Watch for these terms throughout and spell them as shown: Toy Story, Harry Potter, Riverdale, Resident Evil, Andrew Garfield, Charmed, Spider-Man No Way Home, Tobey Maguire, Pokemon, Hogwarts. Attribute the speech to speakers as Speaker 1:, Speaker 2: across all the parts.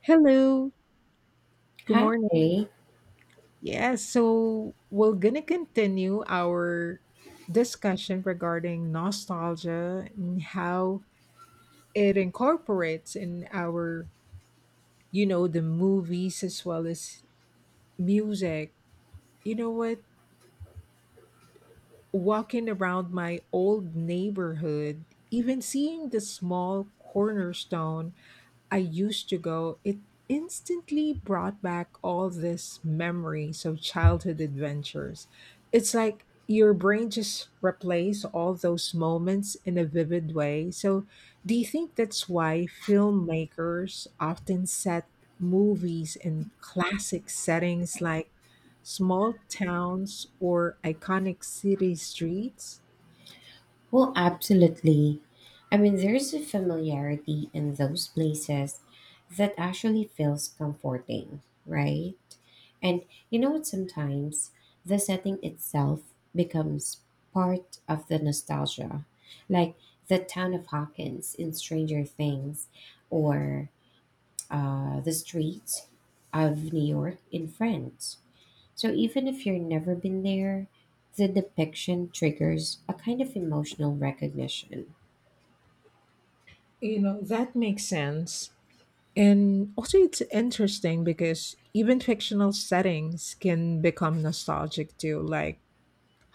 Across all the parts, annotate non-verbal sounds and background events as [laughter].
Speaker 1: Hello, good morning.
Speaker 2: Hi.
Speaker 1: Yes. So we're gonna continue our discussion regarding nostalgia and how it incorporates in our, you know, the movies as well as music. You know what? Walking around my old neighborhood, even seeing the small cornerstone I used to go, it instantly brought back all this memories of childhood adventures. It's like your brain just replays all those moments in a vivid way. So, do you think that's why filmmakers often set movies in classic settings like small towns or iconic city streets?
Speaker 2: Well, absolutely. There's a familiarity in those places that actually feels comforting, right? And you know what? Sometimes the setting itself becomes part of the nostalgia, like the town of Hawkins in Stranger Things or the streets of New York in Friends. So even if you've never been there, the depiction triggers a kind of emotional recognition.
Speaker 1: You know, that makes sense. And also, it's interesting because even fictional settings can become nostalgic too, like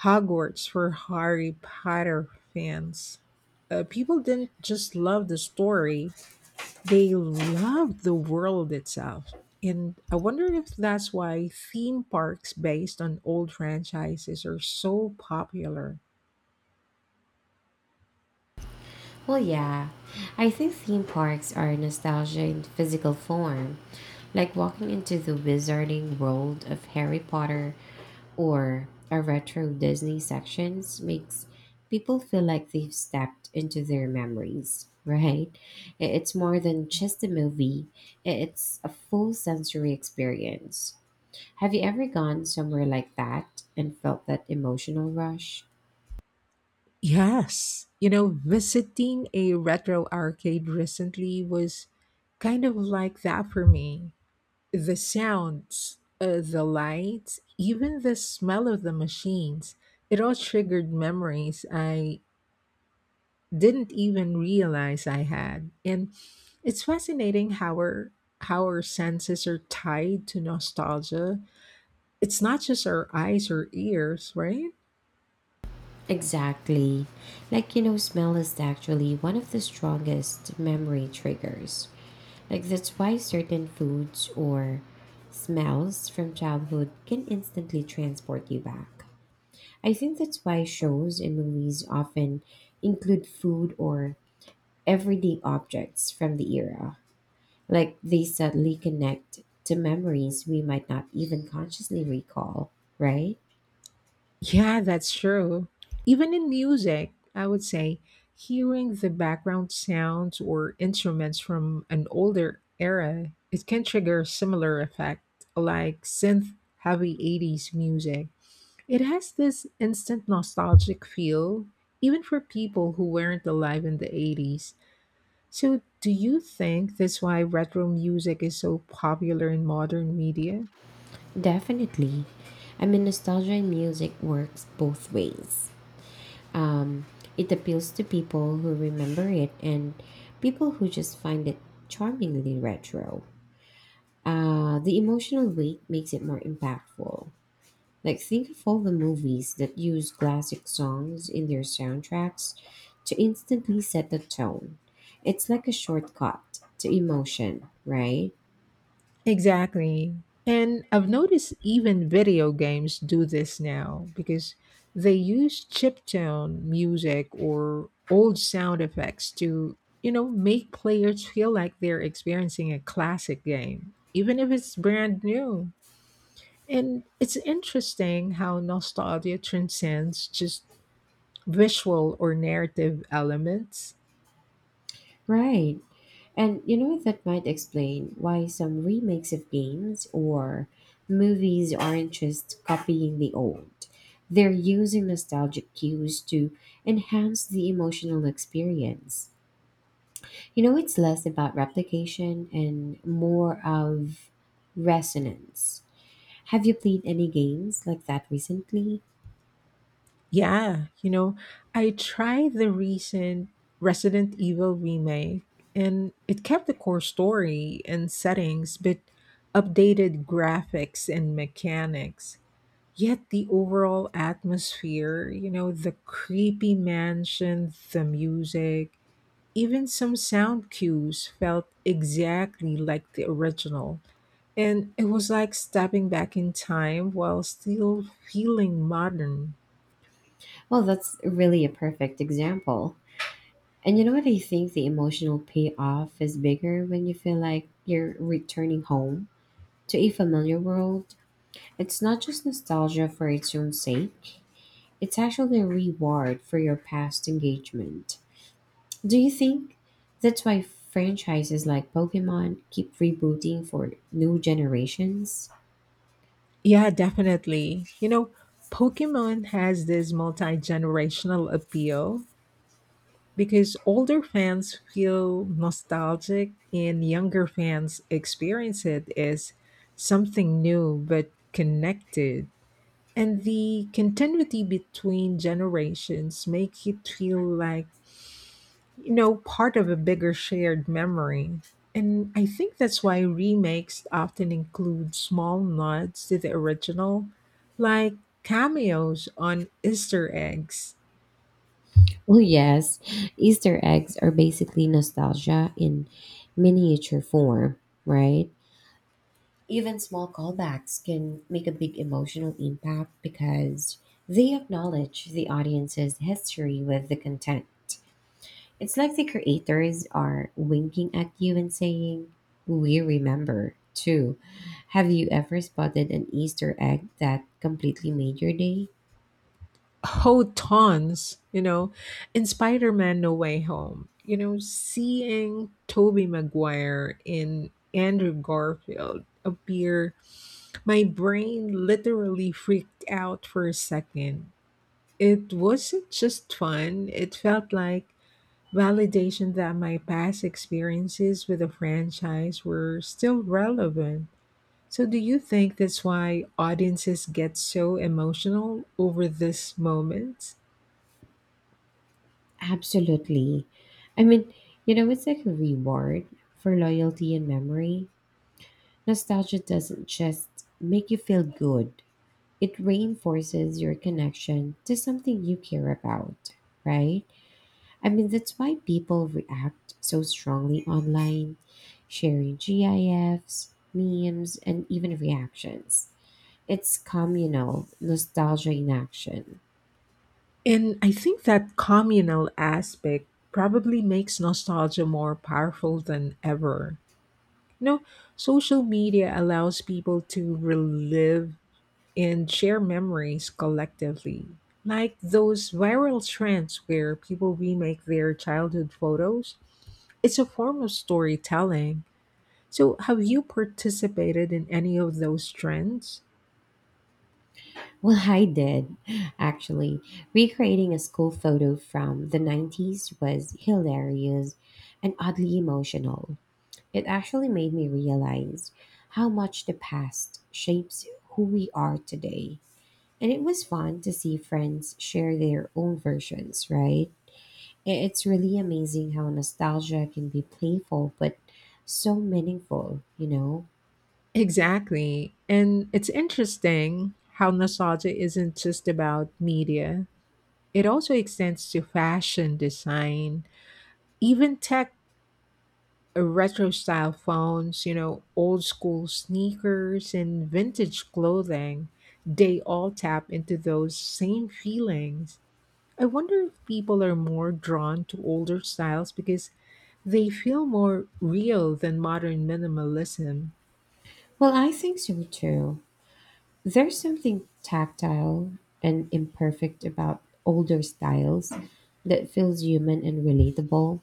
Speaker 1: Hogwarts for Harry Potter fans. People didn't just love the story, they loved the world itself. And I wonder if that's why theme parks based on old franchises are so popular.
Speaker 2: Well, yeah. I think theme parks are nostalgia in physical form, like walking into the wizarding world of Harry Potter or a retro Disney sections makes people feel like they've stepped into their memories, right? It's more than just a movie, it's a full sensory experience. Have you ever gone somewhere like that and felt that emotional rush?
Speaker 1: Yes. You know, visiting a retro arcade recently was kind of like that for me. The sounds, the lights, even the smell of the machines, it all triggered memories I didn't even realize I had. And it's fascinating how our senses are tied to nostalgia. It's not just our eyes or ears, right?
Speaker 2: Exactly. Like, you know, smell is actually one of the strongest memory triggers. Like, that's why certain foods or smells from childhood can instantly transport you back. I think that's why shows and movies often include food or everyday objects from the era. Like, they subtly connect to memories we might not even consciously recall, right?
Speaker 1: Yeah, that's true. Even in music, I would say hearing the background sounds or instruments from an older era, it can trigger similar effect like synth heavy 80s music. It has this instant nostalgic feel, even for people who weren't alive in the 80s. So, do you think that's why retro music is so popular in modern media?
Speaker 2: Definitely. I mean, nostalgia in music works both ways. Um, it appeals to people who remember it and people who just find it charmingly retro. The emotional weight makes it more impactful. Like, think of all the movies that use classic songs in their soundtracks to instantly set the tone. It's like a shortcut to emotion, right?
Speaker 1: Exactly. And I've noticed even video games do this now because they use chiptune music or old sound effects to, you know, make players feel like they're experiencing a classic game, even if it's brand new. And it's interesting how nostalgia transcends just visual or narrative elements.
Speaker 2: Right. And you know, that might explain why some remakes of games or movies aren't just copying the old. They're using nostalgic cues to enhance the emotional experience. You know, it's less about replication and more of resonance. Have you played any games like that recently?
Speaker 1: Yeah, you know, I tried the recent Resident Evil remake and it kept the core story and settings but updated graphics and mechanics. Yet the overall atmosphere, you know, the creepy mansion, the music, even some sound cues felt exactly like the original, and it was like stepping back in time while still feeling modern.
Speaker 2: Well, that's really a perfect example. And you know what? I think the emotional payoff is bigger when you feel like you're returning home to a familiar world. It's not just nostalgia for its own sake, it's actually a reward for your past engagement. Do you think that's why franchises like Pokemon keep rebooting for new generations?
Speaker 1: Yeah, definitely. You know, Pokemon has this multi generational appeal because older fans feel nostalgic and younger fans experience it as something new but connected. And the continuity between generations make it feel like, you know, part of a bigger shared memory. And I think that's why remakes often include small nods to the original, like cameos on easter eggs.
Speaker 2: Well, yes, Easter eggs are basically nostalgia in miniature form, right? Even small callbacks can make a big emotional impact because they acknowledge the audience's history with the content. It's like the creators are winking at you and saying, "We remember, too." Have you ever spotted an Easter egg that completely made your day?
Speaker 1: Oh, tons, you know. In Spider-Man No Way Home, you know, seeing Tobey Maguire in Andrew Garfield appear, my brain literally freaked out for a second. It wasn't just fun, it felt like validation that my past experiences with the franchise were still relevant. So, do you think that's why audiences get so emotional over this moment?
Speaker 2: Absolutely. I mean, you know, it's like a reward for loyalty and memory. Nostalgia doesn't just make you feel good, it reinforces your connection to something you care about, right? I mean, that's why people react so strongly online, sharing GIFs, memes, and even reactions. It's communal, nostalgia in action.
Speaker 1: And I think that communal aspect probably makes nostalgia more powerful than ever. You know, social media allows people to relive and share memories collectively, like those viral trends where people remake their childhood photos. It's a form of storytelling. So, have you participated in any of those trends?
Speaker 2: Well, [laughs] I did, actually. Recreating a school photo from the 90s was hilarious and oddly emotional. It actually made me realize how much the past shapes who we are today. And it was fun to see friends share their own versions, right? It's really amazing how nostalgia can be playful but so meaningful, you know?
Speaker 1: Exactly. And it's interesting how nostalgia isn't just about media, it also extends to fashion, design, even tech retro style phones, you know, old school sneakers, and vintage clothing, they all tap into those same feelings. I wonder if people are more drawn to older styles because they feel more real than modern minimalism.
Speaker 2: Well, I think so too. There's something tactile and imperfect about older styles that feels human and relatable.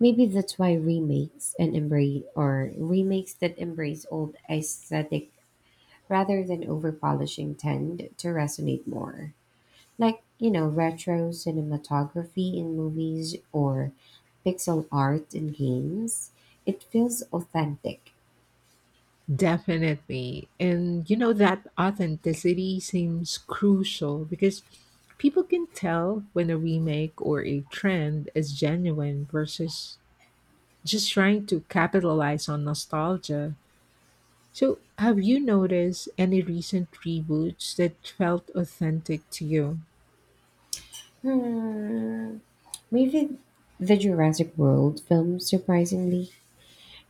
Speaker 2: Maybe that's why remakes and embrace or remakes that embrace old aesthetic rather than over polishing tend to resonate more. Like, you know, retro cinematography in movies or pixel art in games, it feels authentic.
Speaker 1: Definitely. And you know, that authenticity seems crucial because people can tell when a remake or a trend is genuine versus just trying to capitalize on nostalgia. So, have you noticed any recent reboots that felt authentic to you?
Speaker 2: Hmm. Maybe the Jurassic World films, surprisingly,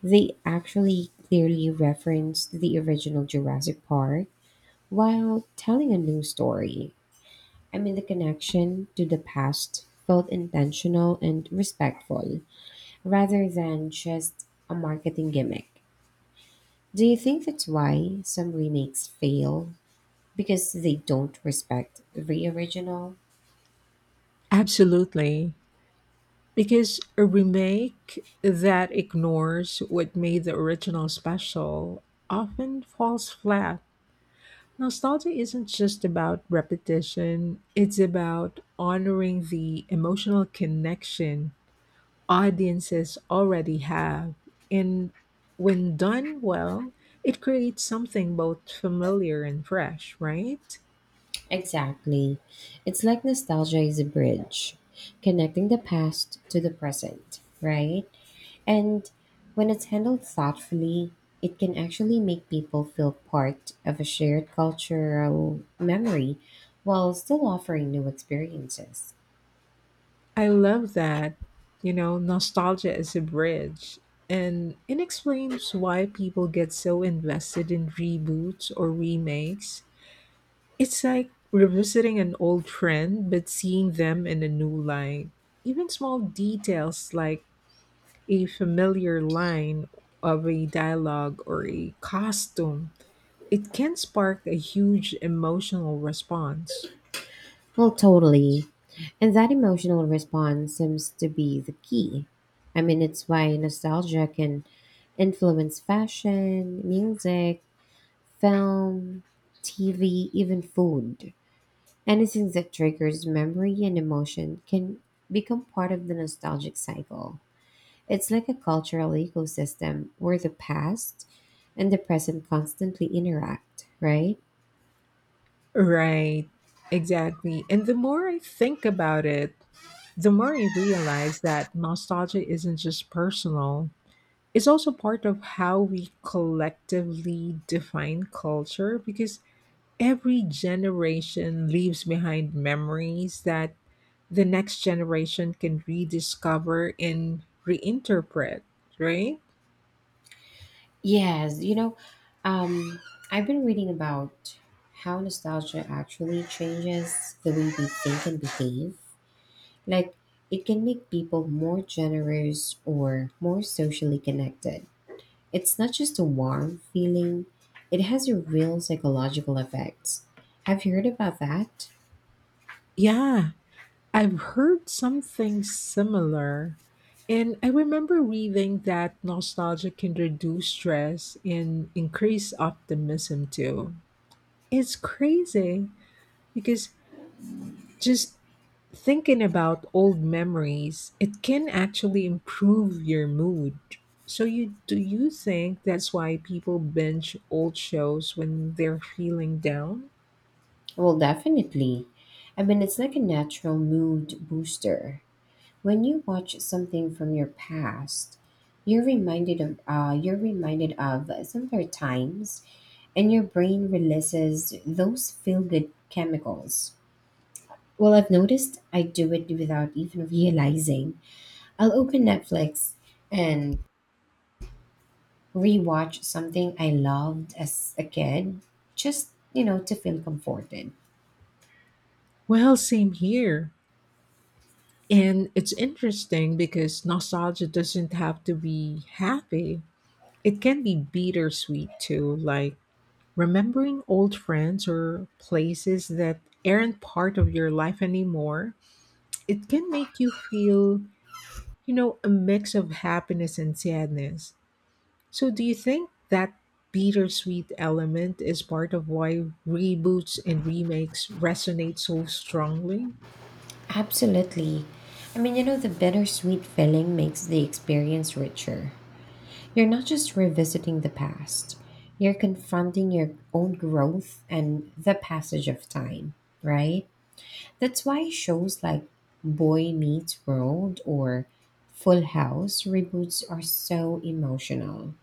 Speaker 2: they actually clearly referenced the original Jurassic Park while telling a new story. I mean, the connection to the past felt intentional and respectful rather than just a marketing gimmick. Do you think that's why some remakes fail? Because they don't respect the original?
Speaker 1: Absolutely. Because a remake that ignores what made the original special often falls flat. Nostalgia isn't just about repetition, it's about honoring the emotional connection audiences already have. And when done well, it creates something both familiar and fresh, right?
Speaker 2: Exactly. It's like nostalgia is a bridge, connecting the past to the present, right? And when it's handled thoughtfully, it can actually make people feel part of a shared cultural memory while still offering new experiences.
Speaker 1: I love that, you know, nostalgia is a bridge. And it explains why people get so invested in reboots or remakes. It's like revisiting an old trend, but seeing them in a new light. Even small details like a familiar line of a dialogue or a costume, it can spark a huge emotional response.
Speaker 2: Well, totally. And that emotional response seems to be the key. I mean, it's why nostalgia can influence fashion, music, film, TV, even food. Anything that triggers memory and emotion can become part of the nostalgic cycle. It's like a cultural ecosystem where the past and the present constantly interact, right?
Speaker 1: Right, exactly. And the more I think about it, the more I realize that nostalgia isn't just personal, it's also part of how we collectively define culture because every generation leaves behind memories that the next generation can rediscover and reinterpret, right?
Speaker 2: Yes, you know, um, I've been reading about how nostalgia actually changes the way we think and behave. Like, it can make people more generous or more socially connected. It's not just a warm feeling, it has a real psychological effect. Have you heard about that?
Speaker 1: Yeah, I've heard something similar. And I remember reading that nostalgia can reduce stress and increase optimism too. It's crazy because just thinking about old memories, it can actually improve your mood. So you do you think that's why people binge old shows when they're feeling down?
Speaker 2: Well, definitely. I mean, it's like a natural mood booster. When you watch something from your past, you're reminded of simpler times, and your brain releases those feel good chemicals. Well, I've noticed I do it without even realizing. I'll open Netflix and rewatch something I loved as a kid, just, you know, to feel comforted.
Speaker 1: Well, same here. And it's interesting because nostalgia doesn't have to be happy. It can be bittersweet too, like remembering old friends or places that aren't part of your life anymore. It can make you feel, you know, a mix of happiness and sadness. So, do you think that bittersweet element is part of why reboots and remakes resonate so strongly?
Speaker 2: Absolutely. I mean, you know, the bittersweet feeling makes the experience richer. You're not just revisiting the past, you're confronting your own growth and the passage of time, right? That's why shows like Boy Meets World or Full House reboots are so emotional.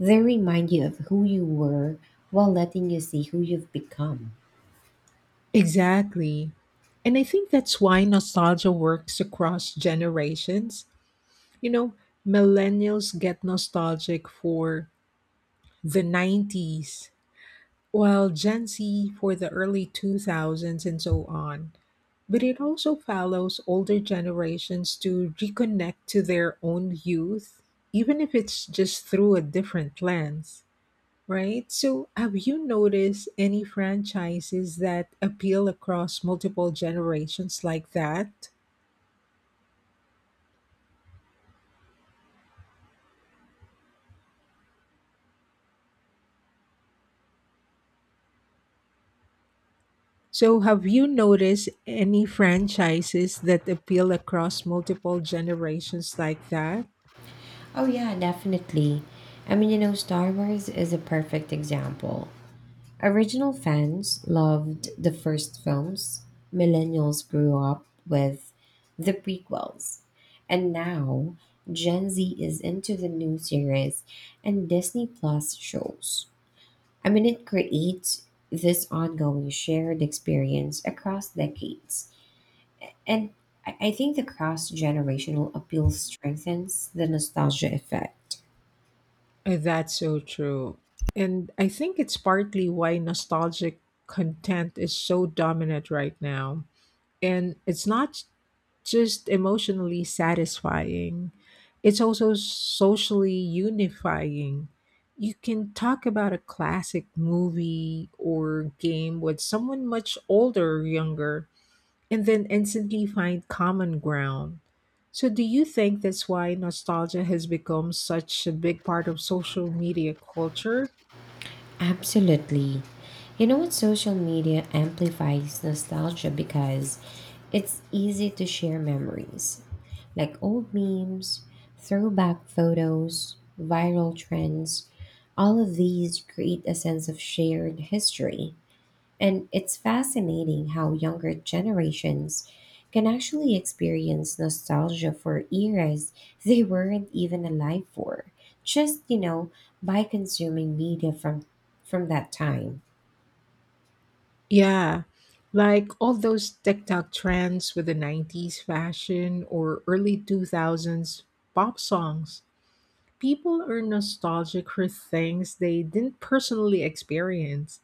Speaker 2: They remind you of who you were while letting you see who you've become.
Speaker 1: Exactly. And I think that's why nostalgia works across generations. You know, millennials get nostalgic for the 90s, while Gen Z for the early 2000s and so on. But it also allows older generations to reconnect to their own youth, even if it's just through a different lens, right? So, have you noticed any franchises that appeal across multiple generations like that? So, have you noticed any franchises that appeal across multiple generations like that?
Speaker 2: Oh, yeah, definitely. I mean, you know, Star Wars is a perfect example. Original fans loved the first films, millennials grew up with the prequels, and now Gen Z is into the new series and Disney Plus shows. I mean, it creates this ongoing shared experience across decades. And I think the cross generational appeal strengthens the nostalgia effect.
Speaker 1: That's so true. And I think it's partly why nostalgic content is so dominant right now. And it's not just emotionally satisfying, it's also socially unifying. You can talk about a classic movie or game with someone much older or younger and then instantly find common ground. So, do you think that's why nostalgia has become such a big part of social media culture?
Speaker 2: Absolutely. You know what? Social media amplifies nostalgia because it's easy to share memories like old memes, throwback photos, viral trends. All of these create a sense of shared history. And it's fascinating how younger generations can actually experience nostalgia for eras they weren't even alive for, just, you know, by consuming media from that time.
Speaker 1: Yeah, like all those TikTok trends with the 90s fashion or early 2000s pop songs. People are nostalgic for things they didn't personally experience.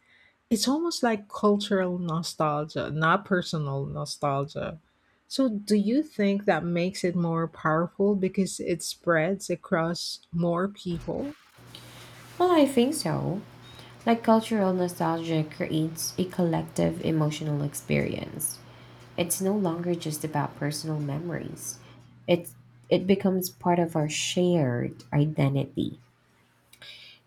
Speaker 1: It's almost like cultural nostalgia, not personal nostalgia. So, do you think that makes it more powerful because it spreads across more people?
Speaker 2: Well, I think so. Like, cultural nostalgia creates a collective emotional experience. It's no longer just about personal memories. It's it becomes part of our shared identity.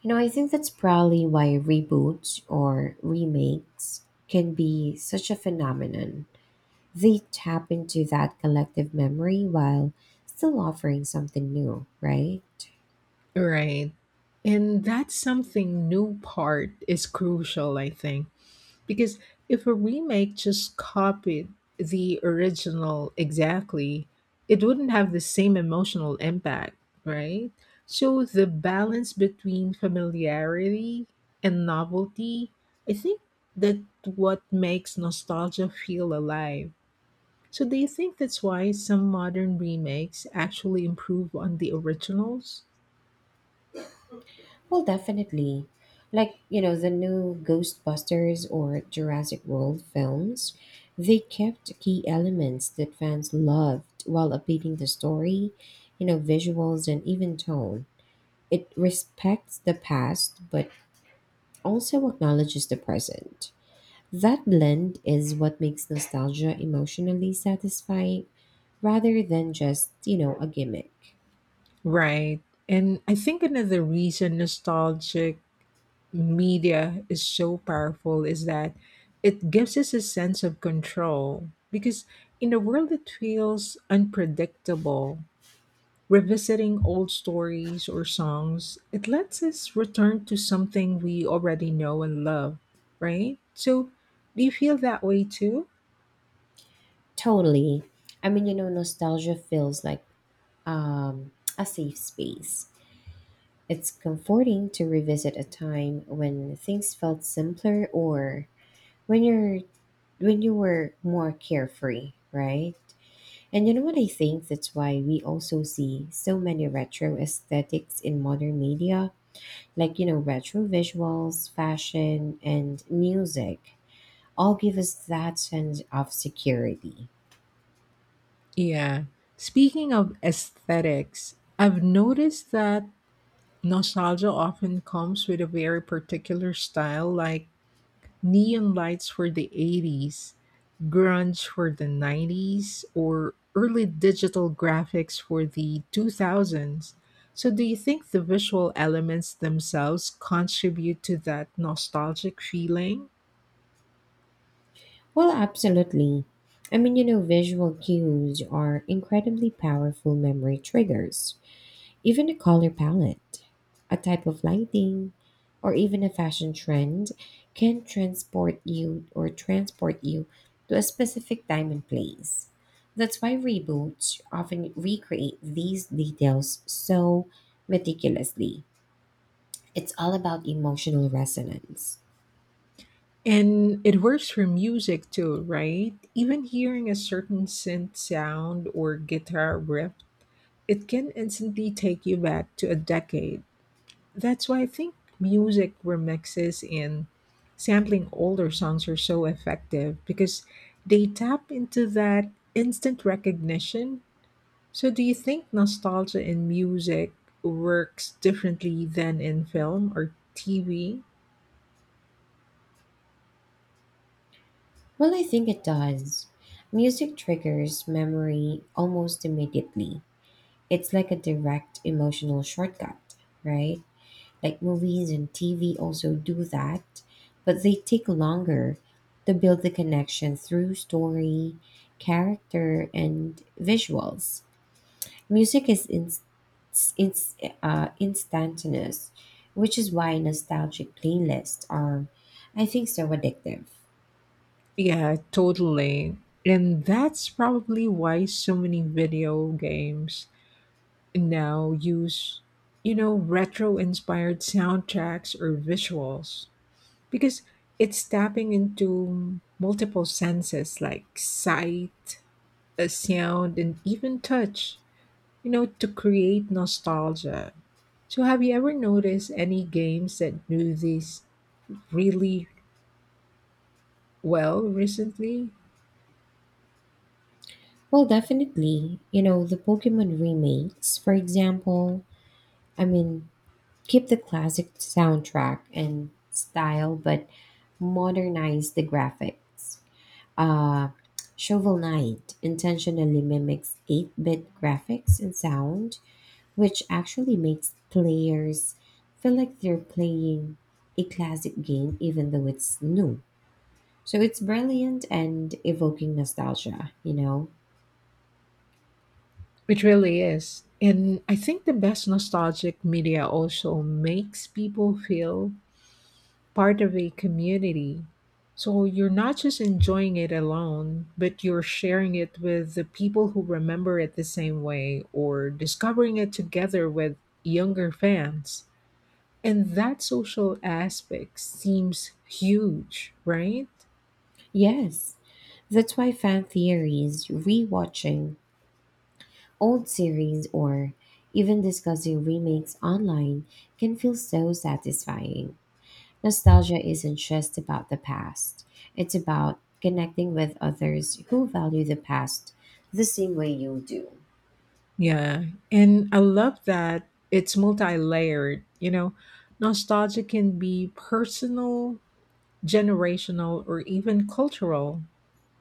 Speaker 2: You know, I think that's probably why reboots or remakes can be such a phenomenon. They tap into that collective memory while still offering something new, right?
Speaker 1: Right. And that's something new part is crucial, I think. Because if a remake just copied the original exactly, it wouldn't have the same emotional impact, right? So the balance between familiarity and novelty, I think that what makes nostalgia feel alive. So do you think that's why some modern remakes actually improve on the originals?
Speaker 2: Well, definitely. Like, you know, the new Ghostbusters or Jurassic World films, they kept key elements that fans loved while updating the story, you know, visuals and even tone. It respects the past but also acknowledges the present. That blend is what makes nostalgia emotionally satisfying rather than just, you know, a gimmick.
Speaker 1: Right. And I think another reason nostalgic media is so powerful is that it gives us a sense of control because in a world that feels unpredictable, revisiting old stories or songs, it lets us return to something we already know and love, right? So do you feel that way too?
Speaker 2: Totally. I mean, you know, nostalgia feels like um, a safe space. It's comforting to revisit a time when things felt simpler or when you're when you were more carefree, right? And you know what I think? That's why we also see so many retro aesthetics in modern media, like, you know, retro visuals, fashion, and music all give us that sense of security.
Speaker 1: Yeah, speaking of aesthetics, I've noticed that nostalgia often comes with a very particular style, like neon lights were the 80s, grunge were the 90s, or early digital graphics were the 2000s. So, do you think the visual elements themselves contribute to that nostalgic feeling?
Speaker 2: Well, absolutely. I mean, you know, visual cues are incredibly powerful memory triggers. Even a color palette, a type of lighting, or even a fashion trend can transport you to a specific time and place. That's why reboots often recreate these details so meticulously. It's all about emotional resonance.
Speaker 1: And it works for music too, right? Even hearing a certain synth sound or guitar riff, it can instantly take you back to a decade. That's why I think music remixes and sampling older songs are so effective because they tap into that instant recognition. So, do you think nostalgia in music works differently than in film or TV?
Speaker 2: Well, I think it does. Music triggers memory almost immediately. It's like a direct emotional shortcut, right? Like, movies and TV also do that, but they take longer to build the connection through story, character, and visuals. Music is in, instantaneous, which is why nostalgic playlists are, I think, so addictive.
Speaker 1: Yeah, totally. And that's probably why so many video games now use, you know, retro inspired soundtracks or visuals. Because it's tapping into multiple senses like sight, sound, and even touch, you know, to create nostalgia. So, have you ever noticed any games that do this really well recently?
Speaker 2: Well, definitely. You know, the Pokemon remakes, for example, I mean, keep the classic soundtrack and style, but modernize the graphics. Uh, Shovel Knight intentionally mimics 8 bit graphics and sound, which actually makes players feel like they're playing a classic game even though it's new. So it's brilliant and evoking nostalgia, you know?
Speaker 1: It really is. And I think the best nostalgic media also makes people feel part of a community. So you're not just enjoying it alone, but you're sharing it with the people who remember it the same way or discovering it together with younger fans. And that social aspect seems huge, right?
Speaker 2: Yes, that's why fan theories, rewatching old series, or even discussing remakes online can feel so satisfying. Nostalgia isn't just about the past, it's about connecting with others who value the past the same way you do.
Speaker 1: Yeah. And I love that it's multi layered. You know, nostalgia can be personal, generational, or even cultural,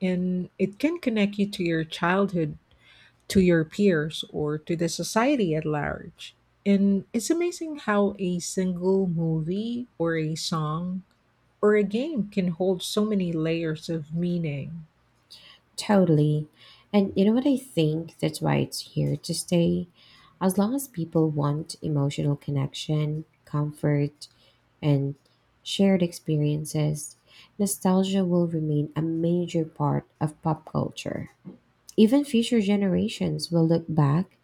Speaker 1: and it can connect you to your childhood, to your peers, or to the society at large. And it's amazing how a single movie or a song or a game can hold so many layers of meaning.
Speaker 2: Totally. And you know what I think? That's why it's here to stay. As long as people want emotional connection, comfort, and shared experiences, nostalgia will remain a major part of pop culture. Even future generations will look back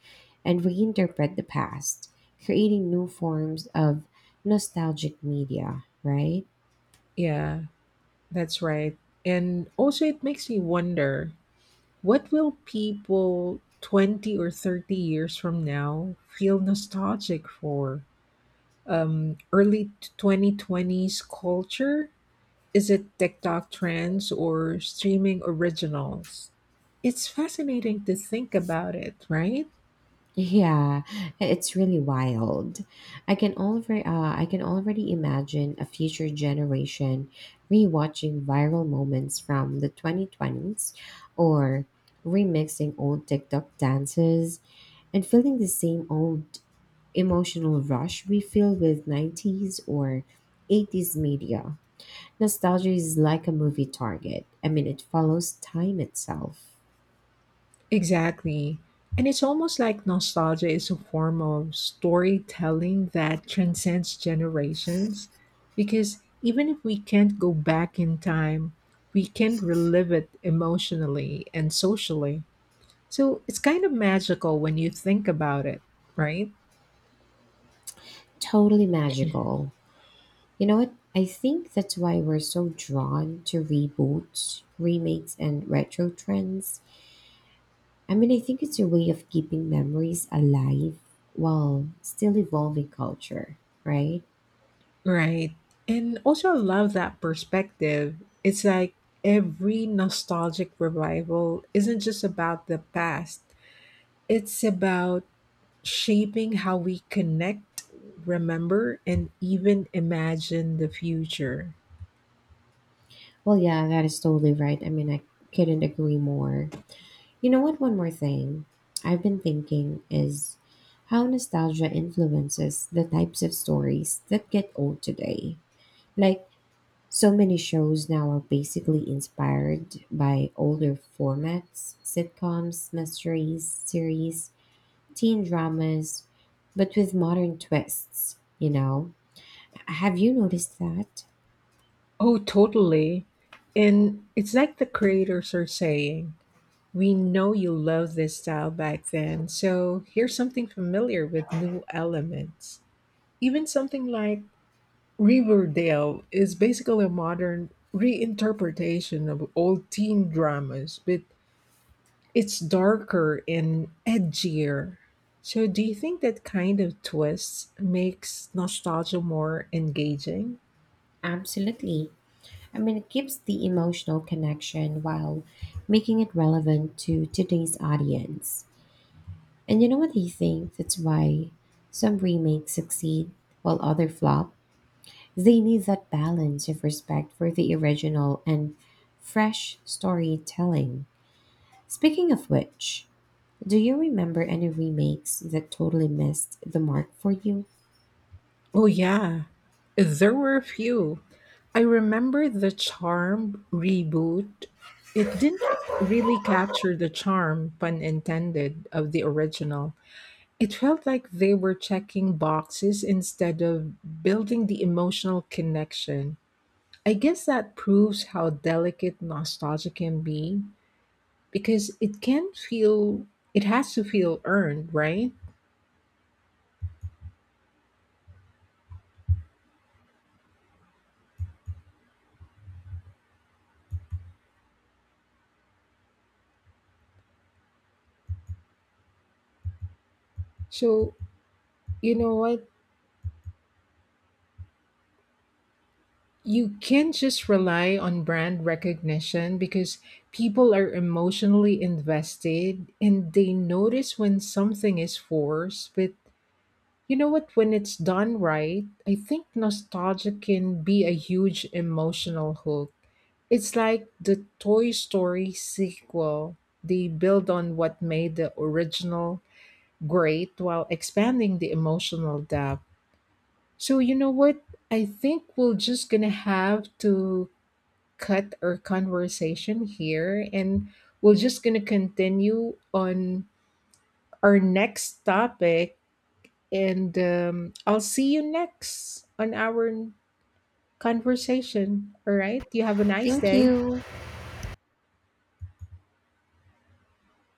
Speaker 2: and reinterpret the past, creating new forms of nostalgic media, right?
Speaker 1: Yeah, that's right. And also, it makes me wonder, what will people 20 or 30 years from now feel nostalgic for? Early 2020s culture. Is it TikTok trends or streaming originals? It's fascinating to think about it, right?
Speaker 2: Yeah, it's really wild. I can already, imagine a future generation rewatching viral moments from the 2020s or remixing old TikTok dances and feeling the same old emotional rush we feel with 90s or 80s media. Nostalgia is like a movie target. I mean, it follows time itself.
Speaker 1: Exactly. And it's almost like nostalgia is a form of storytelling that transcends generations because even if we can't go back in time, we can relive it emotionally and socially. So it's kind of magical when you think about it, right?
Speaker 2: Totally magical. You know what? I think that's why we're so drawn to reboots, remakes, and retro trends. I mean, I think it's a way of keeping memories alive while still evolving culture, right?
Speaker 1: Right. And also, I love that perspective. It's like every nostalgic revival isn't just about the past, it's about shaping how we connect, remember, and even imagine the future.
Speaker 2: Well, yeah, that is totally right. I mean, I couldn't agree more. You know what? One more thing I've been thinking is how nostalgia influences the types of stories that get old today. Like, so many shows now are basically inspired by older formats, sitcoms, mysteries, series, teen dramas, but with modern twists, you know? Have you noticed that?
Speaker 1: Oh, totally. And it's like the creators are saying, we know you loved this style back then, so here's something familiar with new elements. Even something like Riverdale is basically a modern reinterpretation of old teen dramas, but it's darker and edgier. So, do you think that kind of twist makes nostalgia more engaging?
Speaker 2: Absolutely. I mean, it keeps the emotional connection while making it relevant to today's audience. And you know what I think? That's why some remakes succeed while other flop. They need that balance of respect for the original and fresh storytelling. Speaking of which, do you remember any remakes that totally missed the mark for you?
Speaker 1: Oh, yeah, there were a few. I remember the Charm reboot. It didn't really capture the charm, pun intended, of the original. It felt like they were checking boxes instead of building the emotional connection. I guess that proves how delicate nostalgia can be because it can feel, it has to feel earned, right? So, you know what? You can't just rely on brand recognition because people are emotionally invested and they notice when something is forced, but you know what? When it's done right, I think nostalgia can be a huge emotional hook. It's like the Toy Story sequel. They build on what made the original great while expanding the emotional depth. So, you know what? I think we're just gonna have to cut our conversation here and we're just gonna continue on our next topic. And I'll see you next on our conversation. All right. You have a nice
Speaker 2: Thank
Speaker 1: day.
Speaker 2: you.